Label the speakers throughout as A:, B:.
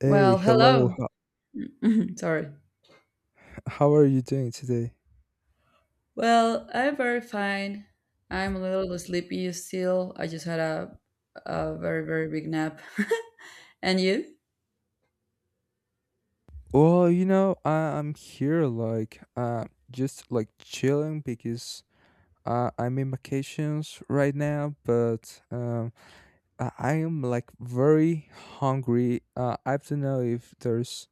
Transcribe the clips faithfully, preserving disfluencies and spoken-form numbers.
A: Hey,
B: Well,
A: hello.
B: hello.
A: How,
B: Sorry.
A: how are you doing today?
B: Well, I'm very fine. I'm a little sleepy still. I just had a a very very big nap. And you?
A: Well, you know, I, I'm here like uh just like chilling because uh, I'm in vacations right now, but um I, I am like very hungry. Uh, I don't know if there's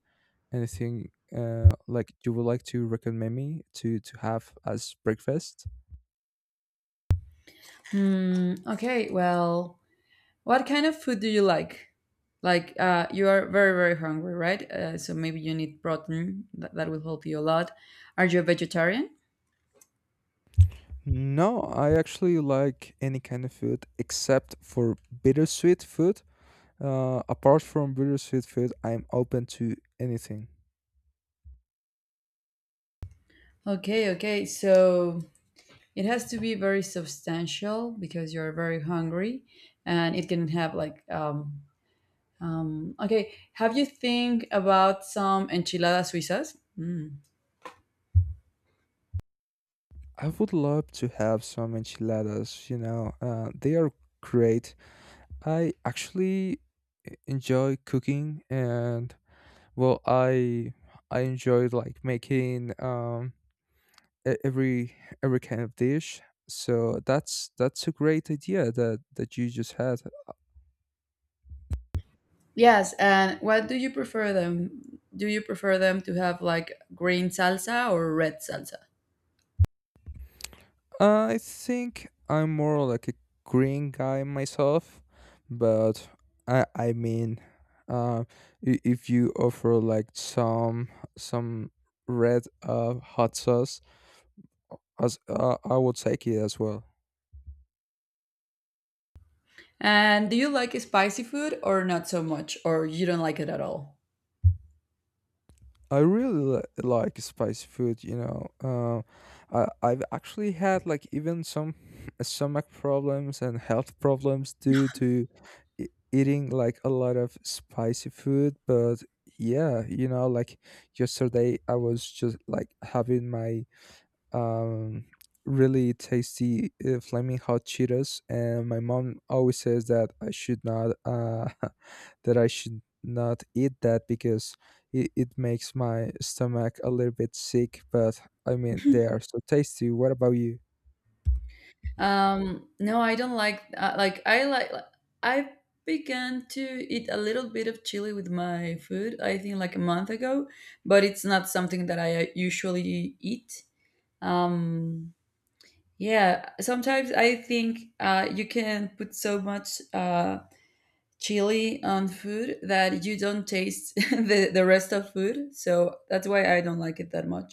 A: anything uh like you would like to recommend me to to have as breakfast.
B: Hmm. Okay. Well, what kind of food do you like? Like, uh, you are very very hungry, right? Uh, so maybe you need protein. That, that will help you a lot. Are you a vegetarian?
A: No, I actually like any kind of food except for bittersweet food. Uh, apart from really sweet food, I'm open to anything.
B: Okay, okay. So it has to be very substantial because you're very hungry and it can have like um Um, okay, have you think about some enchiladas suizas? Mm.
A: I would love to have some enchiladas, you know, uh, they are great. I actually e- enjoy cooking and well, I I enjoy like making um e- every every kind of dish. So that's that's a great idea that that you just had.
B: Yes, and what do you prefer them? Do you prefer them to have like green salsa or red salsa?
A: I think I'm more like a green guy myself, but I I mean, uh, i- if you offer like some some red uh hot sauce, as uh, I would take it as well.
B: And do you like spicy food or not so much, or you don't like it at all?
A: I really li- like spicy food, you know. Uh, I I've actually had like even some stomach problems and health problems due to e- eating like a lot of spicy food, but yeah, you know, like yesterday I was just like having my um, really tasty uh, flaming hot Cheetos, and my mom always says that I should not uh, that I should not eat that because it, it makes my stomach a little bit sick. But I mean, they are so tasty. What about you?
B: Um, no, I don't like uh, like I like I began to eat a little bit of chili with my food. I think like a month ago, but it's not something that I usually eat. Um, Yeah, sometimes I think uh, you can put so much uh, chili on food that you don't taste the, the rest of food. So that's why I don't like it that much.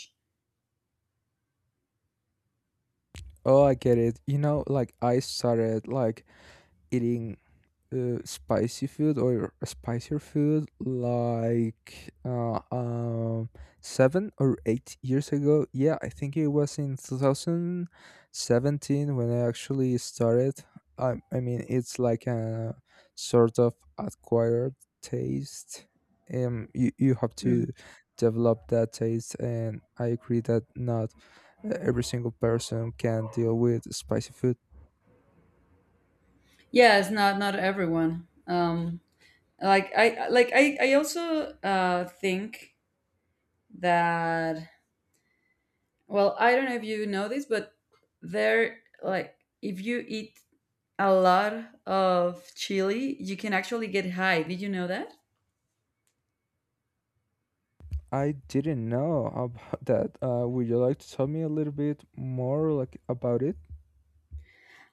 A: Oh, I get it. You know, like I started like eating uh, spicy food or a spicier food like uh, um, seven or eight years ago. Yeah, I think it was in two thousand seventeen when I actually started. I, I mean, it's like a sort of acquired taste. Um, you, you have to
B: Mhm.
A: develop that taste, and I agree that not uh, every single person can deal with spicy food.
B: Yeah, it's not not everyone. Um, like I like I I also uh, think that, well, I don't know if you know this, but there like if you eat a lot of chili, you can actually get high. Did you know that?
A: I didn't know about that. Uh, would you like to tell me a little bit more like about it?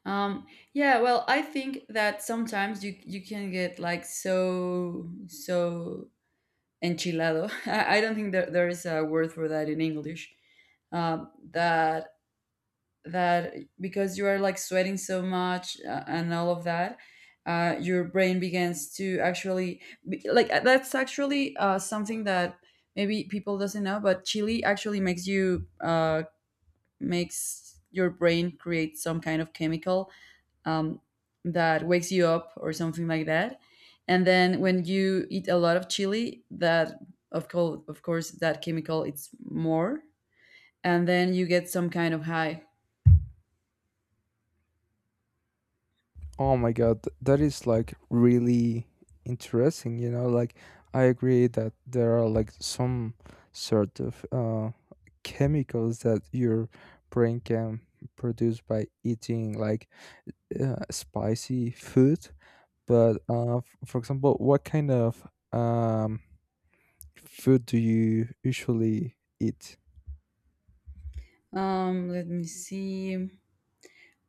B: Um, yeah, well, I think that sometimes you you can get like so so enchilado. I, I don't think that there is a word for that in English. Um, that that Because you are like sweating so much uh, and all of that, uh, your brain begins to actually be- like uh, that's actually uh, something that maybe people doesn't know, but chili actually makes you uh, makes your brain create some kind of chemical, um, that wakes you up or something like that. And then when you eat a lot of chili, that, of course, of course, that chemical it's more, and then you get some kind of high.
A: Oh my god, th- that is like really interesting, you know, like I agree that there are like some sort of uh chemicals that your brain can produce by eating like uh, spicy food, but uh f- for example, what kind of um food do you usually eat?
B: Um, let me see.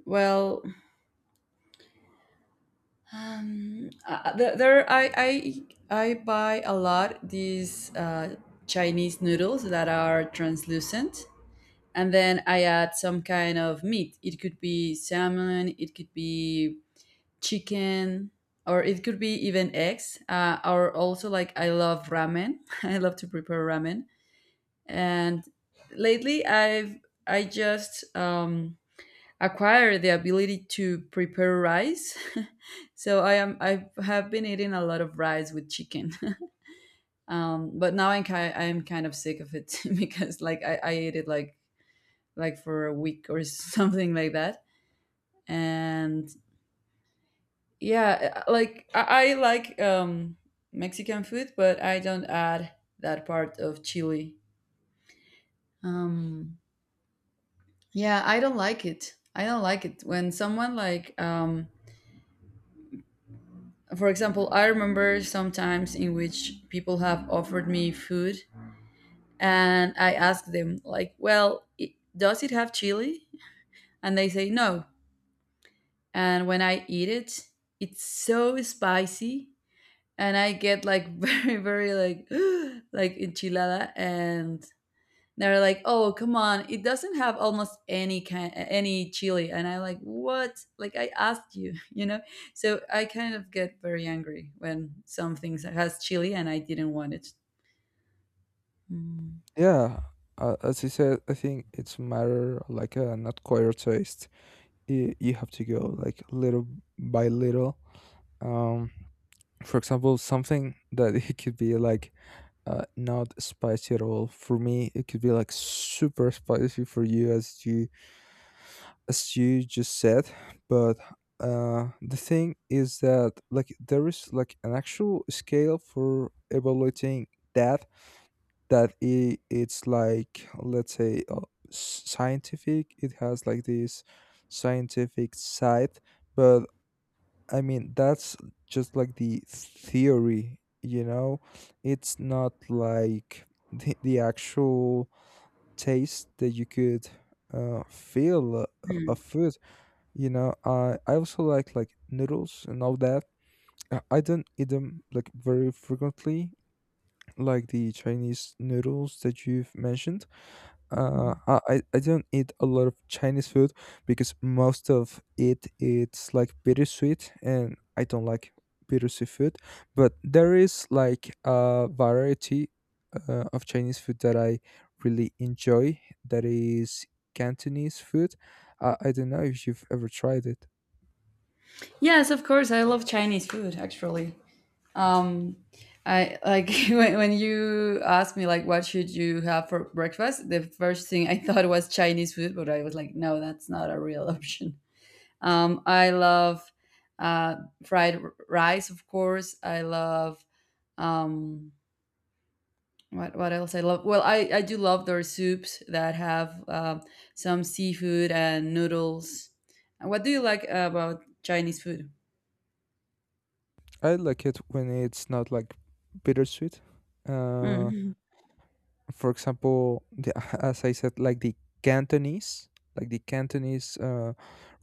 B: Well, um, uh, there, there I, I I buy a lot these uh, Chinese noodles that are translucent, and then I add some kind of meat. It could be salmon, it could be chicken or it could be even eggs uh, or also like I love ramen. I love to prepare ramen, and lately I've I just um acquired the ability to prepare rice. So i am i have been eating a lot of rice with chicken. Um but now i'm kind i'm kind of sick of it, because like i i ate it like like for a week or something like that. And yeah, uh, like i, I like um Mexican food, but I don't add that part of chili. um yeah, I don't like it. I don't like it when someone like, um for example, I remember sometimes in which people have offered me food, and I ask them like, well, it, does it have chili, and they say no, and when I eat it, it's so spicy, and I get like very, very like like enchilada, and they're like, "Oh, come on! It doesn't have almost any kind any chili," and I like, "What? Like I asked you, you know?" So I kind of get very angry when some things has chili and I didn't want it. Mm.
A: Yeah, uh, as you said, I think it's matter like uh, not choir taste. You, you have to go like little by little. Um, for example, something that it could be like uh, not spicy at all for me, it could be like super spicy for you as you as you just said, but uh the thing is that like there is like an actual scale for evaluating that that I it's like let's say uh, s- scientific. It has like this scientific side, but I mean that's just like the theory, you know. It's not like the, the actual taste that you could uh, feel a, a
B: Mm.
A: food. You know, I I also like like noodles and all that. I I don't eat them like very frequently, like the Chinese noodles that you've mentioned. Uh,
B: Mhm.
A: I I I don't eat a lot of Chinese food because most of it it's like bittersweet, and I don't like bittersweet food. But there is like a variety uh, of Chinese food that I really enjoy. That is Cantonese food. I I don't know if you've ever tried it.
B: Yes, of course. I love Chinese food, actually. Um, I like when, when you asked me like what should you have for breakfast, the first thing I thought was Chinese food, but I was like, no, that's not a real option. Um, I love uh, fried r- rice, of course. I love, um, what what else I love. Well, I I do love their soups that have um some seafood and noodles. What do you like about Chinese food?
A: I like it when it's not like bittersweet. Uh,
B: Mm-hmm.
A: for example, the, as I said, like the Cantonese, like the Cantonese uh,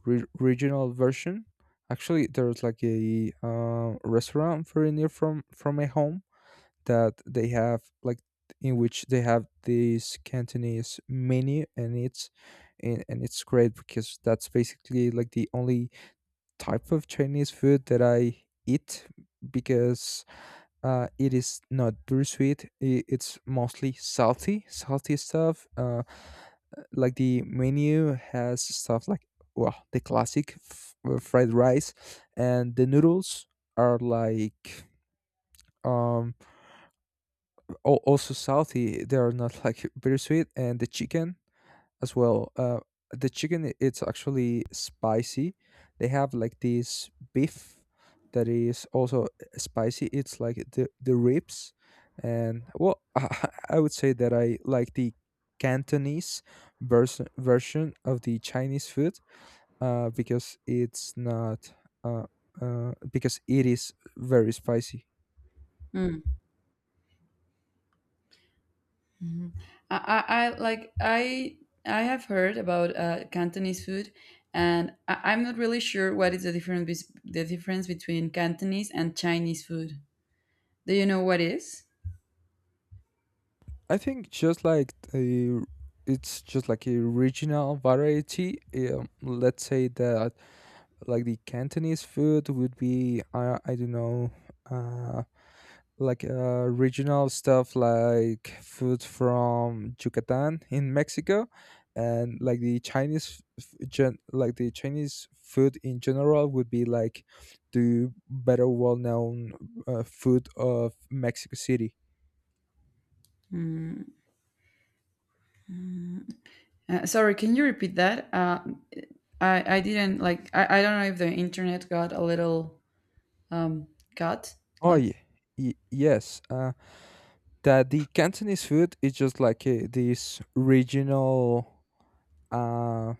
A: re- regional version. Actually, there's like a uh, restaurant very near from from my home that they have like in which they have this Cantonese menu, and it's and, and it's great because that's basically like the only type of Chinese food that I eat because uh, it is not very sweet. i- It's mostly salty, salty stuff. Uh, like the menu has stuff like well, the classic f- uh, fried rice, and the noodles are like um al- also salty. They are not like very sweet, and the chicken as well. Uh, the chicken it's actually spicy. They have like this beef that is also eh, spicy. It's like the the ribs, and well, I would say that I like the Cantonese vers- version of the Chinese food uh, because it's not uh, uh, because it is very spicy.
B: Mhm. I, I, I like I I have heard about uh, Cantonese food, and I, I'm not really sure what is the difference, the difference between Cantonese and Chinese food. Do you know what is?
A: I think just like a, it's just like a regional variety. Um, let's say that like the Cantonese food would be I I don't know uh like uh regional stuff like food from Yucatan in Mexico, and like the Chinese f- gen, like the Chinese food in general would be like the better well known uh, food of Mexico City.
B: Mm, mm. Uh, sorry, can you repeat that? Uh, I I didn't like I, I don't know if the internet got a little um cut
A: Oh
B: like.
A: yeah, y- yes. Uh, that the Cantonese food is just like uh, this regional uh,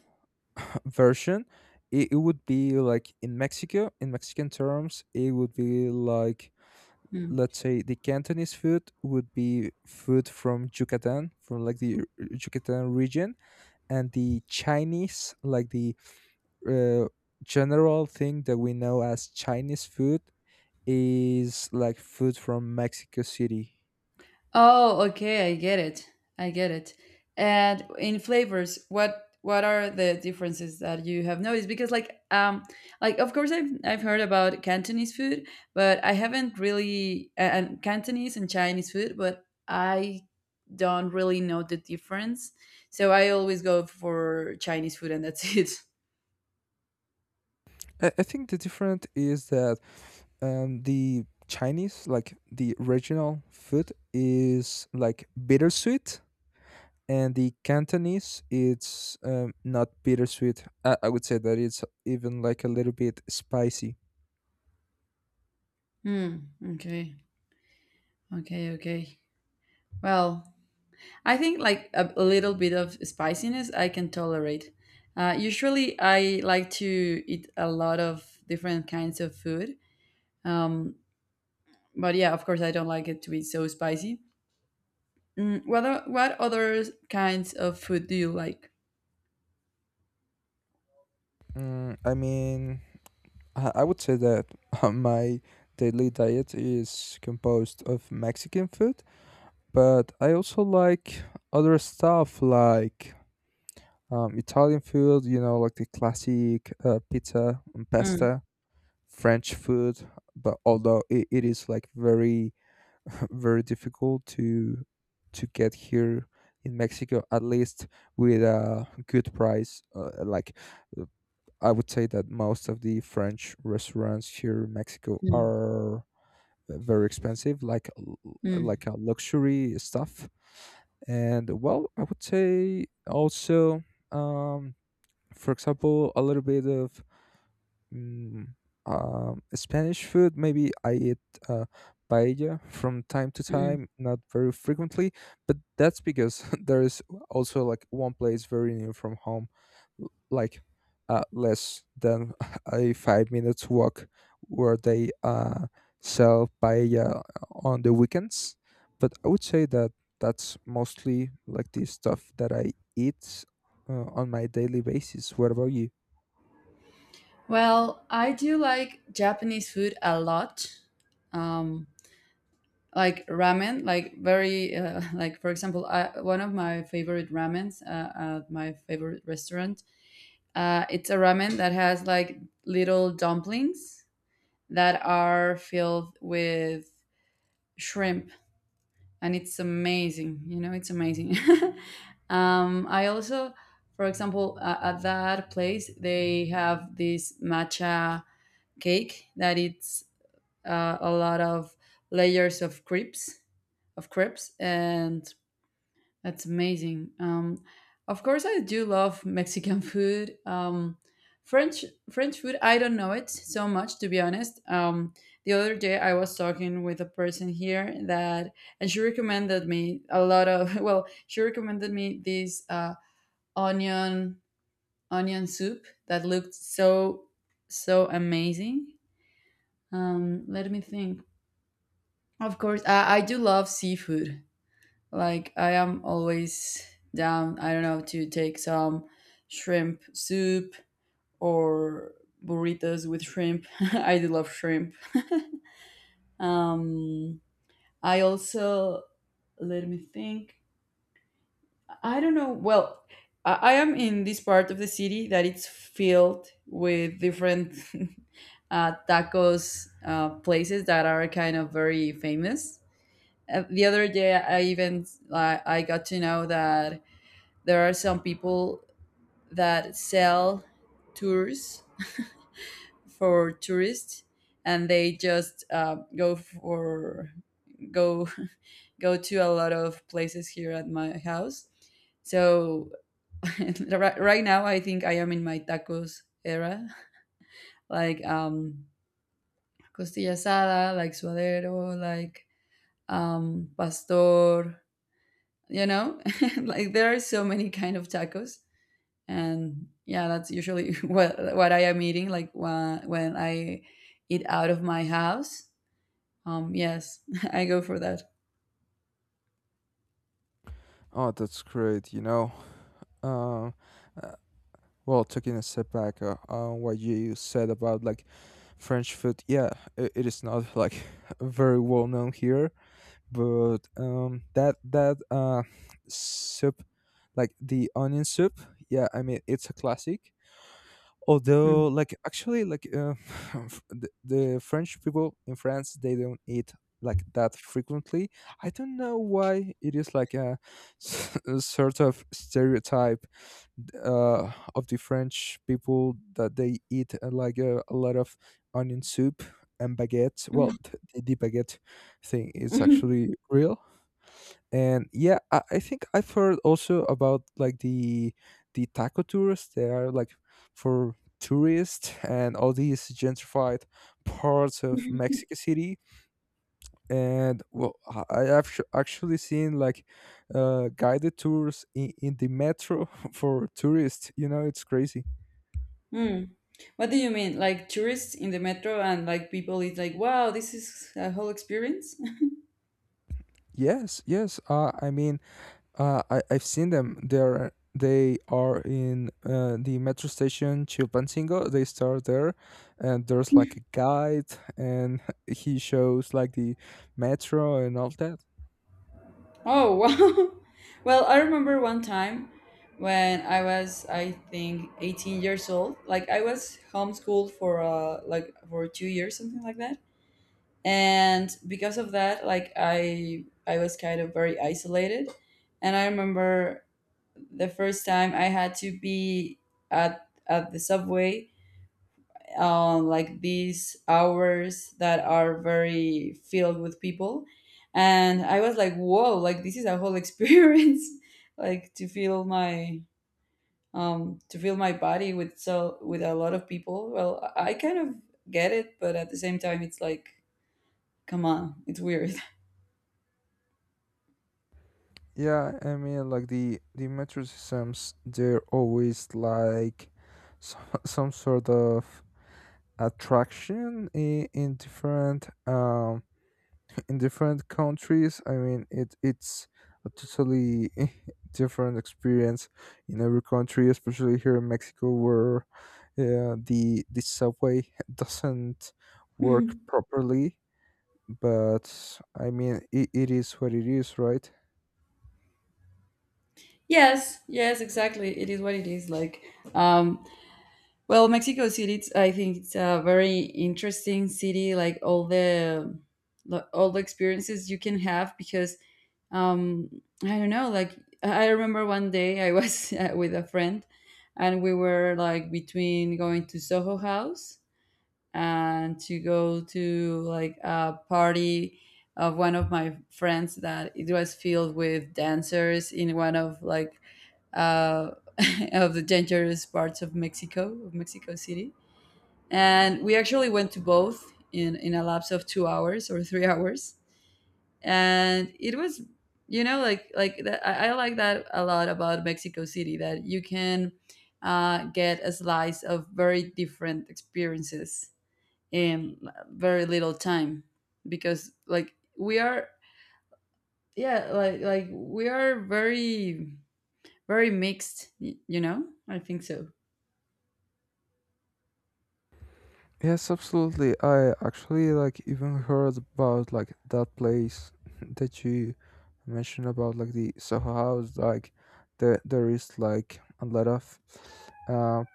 A: version. It, it would be like in Mexico, in Mexican terms, it would be like
B: Hmm.
A: let's say the Cantonese food would be food from Yucatan, from like the Yucatan region, and the Chinese, like the uh, general thing that we know as Chinese food, is like food from Mexico City.
B: Oh, okay, I get it. I get it. And in flavors, what what are the differences that you have noticed? Because like um like of course I've I've heard about Cantonese food, but I haven't really a- and Cantonese and Chinese food, but I don't really know the difference. So I always go for Chinese food and that's it.
A: I, I think the difference is that um, the Chinese, like the regional food, is like bittersweet, and the Cantonese, it's um, not bittersweet. I, I would say that it's even like a little bit spicy.
B: Hmm. Okay. Okay. Okay. Well, I think like a, a little bit of spiciness I can tolerate. Uh, usually, I like to eat a lot of different kinds of food. Um, but yeah, of course, I don't like it to be so spicy. Mm, what o- what other kinds of food do you like?
A: Mm, I mean, I I would say that my daily diet is composed of Mexican food, but I also like other stuff like um, Italian food, you know, like the classic uh, pizza and
B: Mm,
A: pasta, French food. But although it, it is like very, very difficult to to get here in Mexico, at least with a good price, uh, like I would say that most of the French restaurants here in Mexico
B: mm,
A: are very expensive, like l-
B: mm,
A: like a luxury stuff. And well, I would say also, um, for example, a little bit of Mm, um, Spanish food, maybe I eat uh, paella from time to
B: mm.
A: time, not very frequently, but that's because there is also like one place very near from home, l- like uh, less than a five minutes walk, where they uh, sell paella on the weekends. But I would say that that's mostly like the stuff that I eat uh, on my daily basis. What about you?
B: Well, I do like Japanese food a lot. Um, like ramen, like very uh, like for example, I, one of my favorite ramens uh, at my favorite restaurant. Uh, it's a ramen that has like little dumplings that are filled with shrimp, and it's amazing. You know, it's amazing. um, I also, for example, uh, at that place, they have this matcha cake that it's uh, a lot of layers of crepes, of crepes, and that's amazing. Um, of course, I do love Mexican food. Um, French French food, I don't know it so much to be honest. Um, the other day, I was talking with a person here that, and she recommended me a lot of. Well, she recommended me this uh, onion onion soup that looked so so amazing. Um, let me think. Of course, I, I do love seafood. Like I am always down, I don't know, to take some shrimp soup or burritos with shrimp. I do love shrimp. Um I also, let me think. I don't know. Well, I, I am in this part of the city that it's filled with different uh, tacos uh, places that are kind of very famous. Uh, the other day, I even uh, I got to know that there are some people that sell tours for tourists and they just uh, go for go go to a lot of places here at my house. So ri- right now I think I am in my tacos era. Like, um costilla asada, like suadero, like um pastor, you know. Like there are so many kind of tacos, and yeah, that's usually what what I am eating like when when i eat out of my house. Um yes, I go for that.
A: Oh, that's great. You know, um uh, well taking a step back uh, on what you said about like French food. Yeah, I it is not like very well known here, but um that that uh soup, like the onion soup, yeah, I mean it's a classic.
B: Mm.
A: Although like actually like uh, the, the French people in France they don't eat like that frequently. I don't know why it is like a s- a sort of stereotype uh, of the French people that they eat uh, like uh, a lot of onion soup and baguette. Well, th- the, the baguette thing is actually real. And yeah, I, I think I've heard also about like the the taco tourists. They are like for tourists and all these gentrified parts of Mexico City, and well I I have sh- actually seen like uh guided tours in, in the metro for tourists, you know, it's crazy.
B: Mm. What do you mean like tourists in the metro and like people eat, like wow, this is a whole experience?
A: Yes, yes, uh, I mean, Uh, I I've seen them. They're they are in uh, the metro station Chilpancingo. They start there, and there's like a guide, and he shows like the metro and all that.
B: Oh, wow. Well, I remember one time when I was, I think, eighteen years old. Like I was homeschooled for uh like for two years, something like that, and because of that, like i i was kind of very isolated. And I remember the first time I had to be at at the subway on like these hours that are very filled with people, and I was like, whoa, like this is a whole experience. Like to feel my, um to feel my body with so with a lot of people, well, i I kind of get it, but at the same time it's like, come on, it's weird.
A: Yeah, I mean, like the the metro systems, they're always like some, some sort of attraction in, in different um in different countries. I mean, it it's a totally different experience in every country, especially here in Mexico, where uh, the the subway doesn't work properly. But I mean, it, it is what it is, right?
B: Yes, yes, exactly. It is what it is. Like, um, well, Mexico City. It's, I think it's a very interesting city. Like all the the- all the experiences you can have because, um, I don't know. Like I I remember one day I was with a friend, and we were like between going to Soho House and to go to like a party of one of my friends that it was filled with dancers in one of like, uh, of the dangerous parts of Mexico, of Mexico City. And we actually went to both in, in a lapse of two hours or three hours. And it was, you know, like, like that, I, I like that a lot about Mexico City, that you can uh, get a slice of very different experiences in very little time, because like we are, yeah, like like we are very very mixed, y- you know, I think so.
A: Yes, absolutely. I actually like even heard about like that place that you mentioned about like the Soho House. Like there, there is like a lot of uh,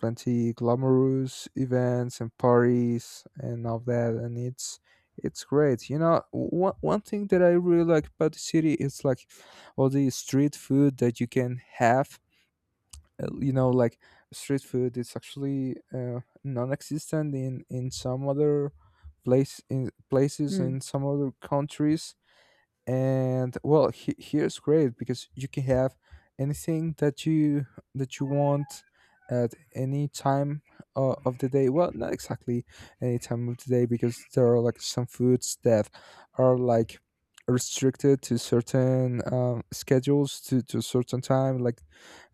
A: plenty glamorous events and parties and all that, and it's it's great. You know, one, one thing that I really like about the city is like all the street food that you can have. Uh, you know, like street food is actually uh, non-existent in in some other place in places
B: Mm,
A: in some other countries, and well he, here's great because you can have anything that you that you want at any time uh, of the day. Well, not exactly any time of the day, because there are like some foods that are like restricted to certain um, schedules to, to a certain time, like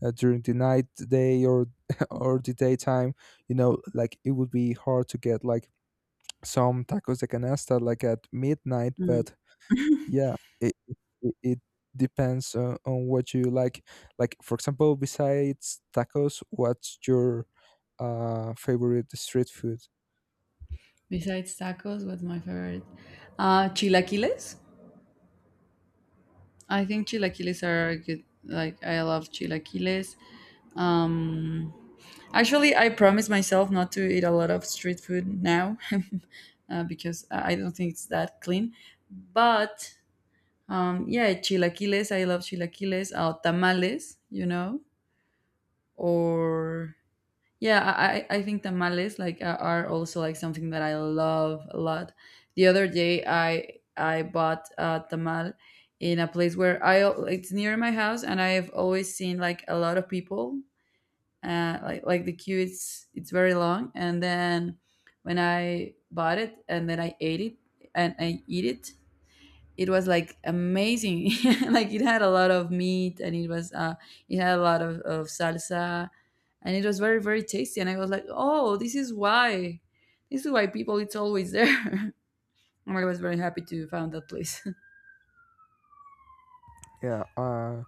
A: uh, during the night, the day, or or the daytime. You know, like it would be hard to get like some tacos de canasta like at midnight,
B: mm.
A: but yeah, it it, it it depends on, on what you like. Like for example, besides tacos, what's your uh favorite street food?
B: Besides tacos, what's my favorite? Uh chilaquiles. I think chilaquiles are good. Like I love chilaquiles. um Actually, I promise myself not to eat a lot of street food now, uh, because i I don't think it's that clean, but Um, yeah, chilaquiles. I love chilaquiles. Uh, tamales, you know, or yeah, I I I think tamales like are are also like something that I love a lot. The other day, I I bought a tamal in a place where I al- it's near my house, and I've always seen like a lot of people. Uh, like like the queue, it's it's very long, and then when I bought it and then I ate it and I eat it, it was like amazing like it had a lot of meat and it was uh it had a lot of, of salsa, and it was very very tasty, and I was like, oh, this is why, this is why people it's always there. And I was very happy to found that place.
A: Yeah, uh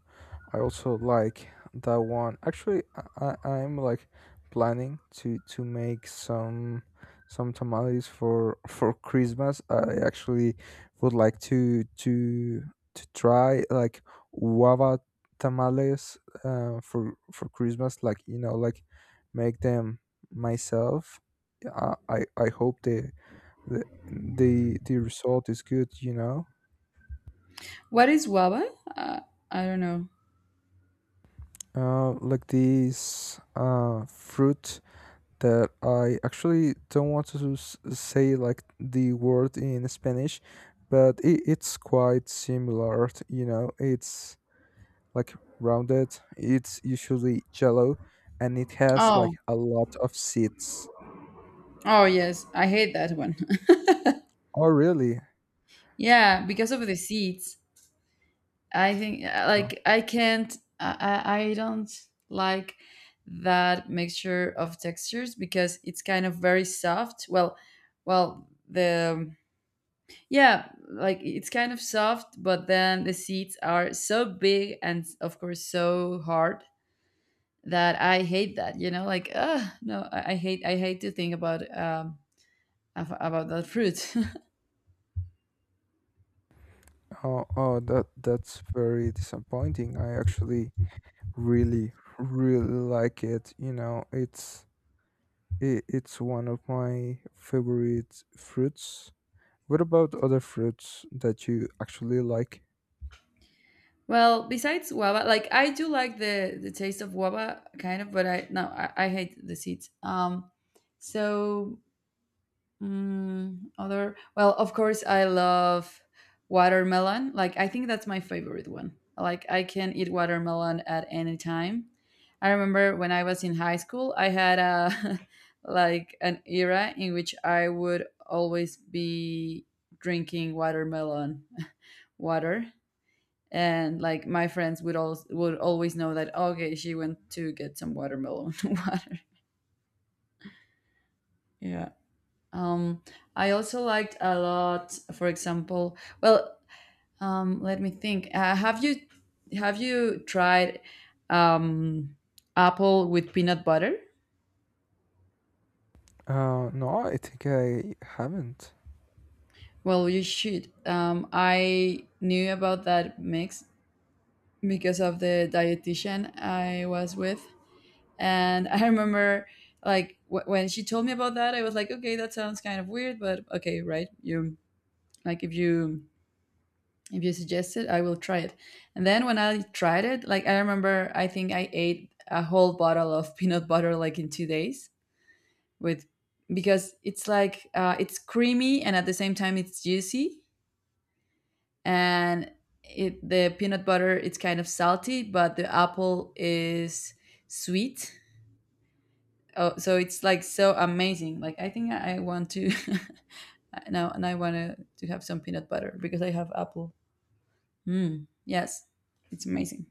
A: I also like that one. Actually, I, I- I'm like planning to to make some some tamales for for Christmas. I actually would like to to to try like guava tamales uh, for for Christmas. Like you know, like make them myself. I I, I hope the, the the the result is good. You know,
B: What is waba? uh, I don't know.
A: uh, like these uh fruit that I actually don't want to s- say like the word in Spanish, but it, it's quite similar. t- You know, it's like rounded. It's usually jello, and it has like
B: Oh.
A: a lot of seeds.
B: Oh yes, I hate that one.
A: Oh, really?
B: Yeah, because of the seeds. I think, uh,
A: Oh,
B: like I can't I I I don't like that mixture of textures because it's kind of very soft. Well, well the yeah, like it's kind of soft, but then the seeds are so big and of course so hard that I hate that, you know, like uh no, I, I hate, I hate to think about um ab- about that fruit.
A: oh, oh, that that's very disappointing. I actually really, really like it. You know, it's it, it's one of my favorite fruits. What about other fruits that you actually like?
B: Well, besides guava, like I do like the the taste of guava, kind of, but I no, I, I hate the seeds. Um, so mm other, well, of course, I love watermelon. Like I think that's my favorite one. Like I can eat watermelon at any time. I remember when I was in high school, I had a like an era in which I would always be drinking watermelon water, and like my friends would all would always know that, okay, she went to get some watermelon water. Yeah. um I also liked a lot, for example, well, um let me think. Uh, have you have you tried um apple with peanut butter?
A: Uh, no, I think I haven't.
B: Well, you should. um I knew about that mix because of the dietitian I was with. And I remember like w- when she told me about that, I was like, okay, that sounds kind of weird, but okay, right? You, like if you, if you suggest it, I will try it. And then when I tried it, like I remember, I think I ate a whole bottle of peanut butter like in two days with, because it's like uh, it's creamy and at the same time it's juicy, and it, the peanut butter, it's kind of salty, but the apple is sweet. Oh, so it's like so amazing. Like I think I I want to now, and I want to to have some peanut butter because I have apple. Mm, yes, it's amazing.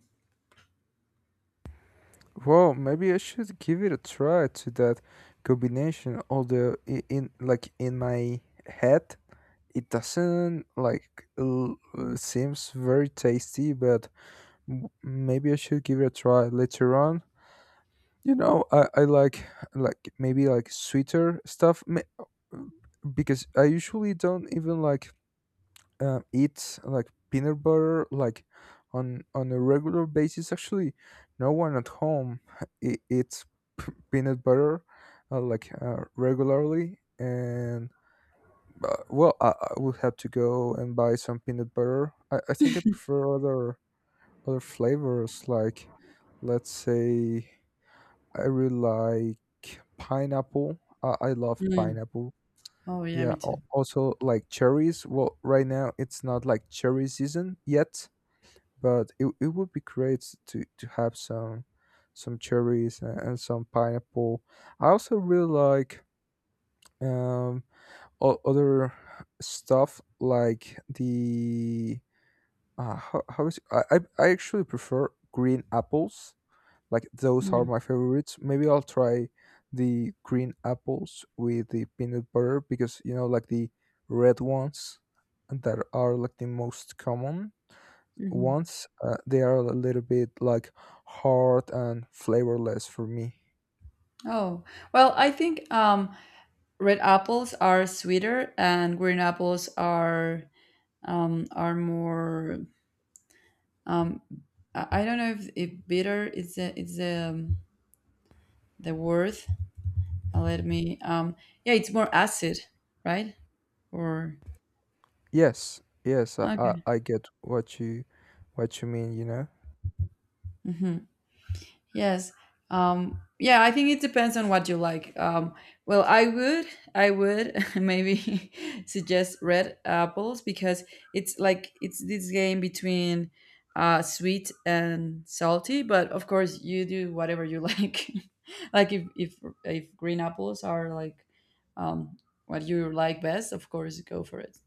A: Well, maybe I should give it a try to that combination. Although i- in like in my head, it doesn't like l- uh, seems very tasty. But m- maybe I should give it a try later on. You know, I, I like like maybe like sweeter stuff. Ma- because I usually don't even like uh, eat like peanut butter like on on a regular basis. Actually no one at home e- eats p- peanut butter uh, like uh, regularly, and uh, well I, I would have to go and buy some peanut butter. I, I think I prefer other other flavors like let's say I really like pineapple. i, I love
B: Mm.
A: pineapple.
B: Oh yeah, me
A: Yeah,
B: too.
A: al- also like cherries. Well, right now it's not like cherry season yet, but it, it would be great to to have some some cherries and, and some pineapple. I also really like um o- other stuff like the uh, how, how is it? I, I I actually prefer green apples, like those are
B: Mm.
A: my favorites. Maybe I'll try the green apples with the peanut butter because you know like the red ones that are like the most common
B: Mhm.
A: ones uh, they are a little bit like hard and flavorless for me.
B: Oh, well, I think um, red apples are sweeter and green apples are um, are more. Um, I I don't know if, if bitter is the is the um, the word. Uh, Let me. Um, yeah, it's more acid, right? Or
A: Yes, yes, I, I,
B: okay.
A: I get what you what you mean, you know.
B: hmm Yes. Um, yeah, I think it depends on what you like. Um, well, I would, I would maybe suggest red apples because it's like it's this game between uh, sweet and salty. But of course, you do whatever you like. Like if if if green apples are like um, what you like best, of course, go for it.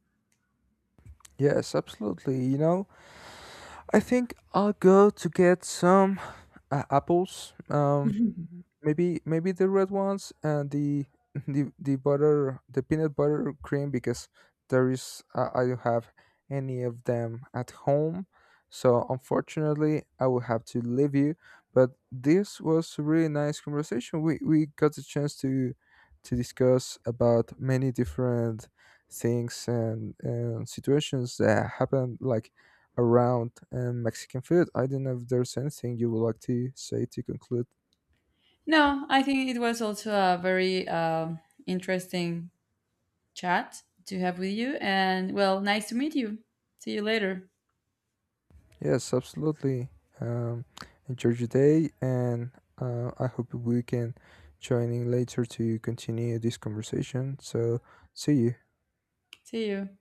A: Yes, absolutely. You know, I think I'll go to get some uh, apples. Um, maybe maybe the red ones and the the the butter the peanut butter cream because there is uh, I don't have any of them at home. So unfortunately, I will have to leave you. But this was a really nice conversation. We we got the chance to to discuss about many different things and, and situations that happened like around um, Mexican food. I don't know if there's anything you would like to say to conclude.
B: No, I think it was also a very um, interesting chat to have with you. And well, nice to meet you. See you later.
A: Yes, absolutely. Um, enjoy your day, and uh, I hope we can join in later to continue this conversation. So, see you.
B: See you.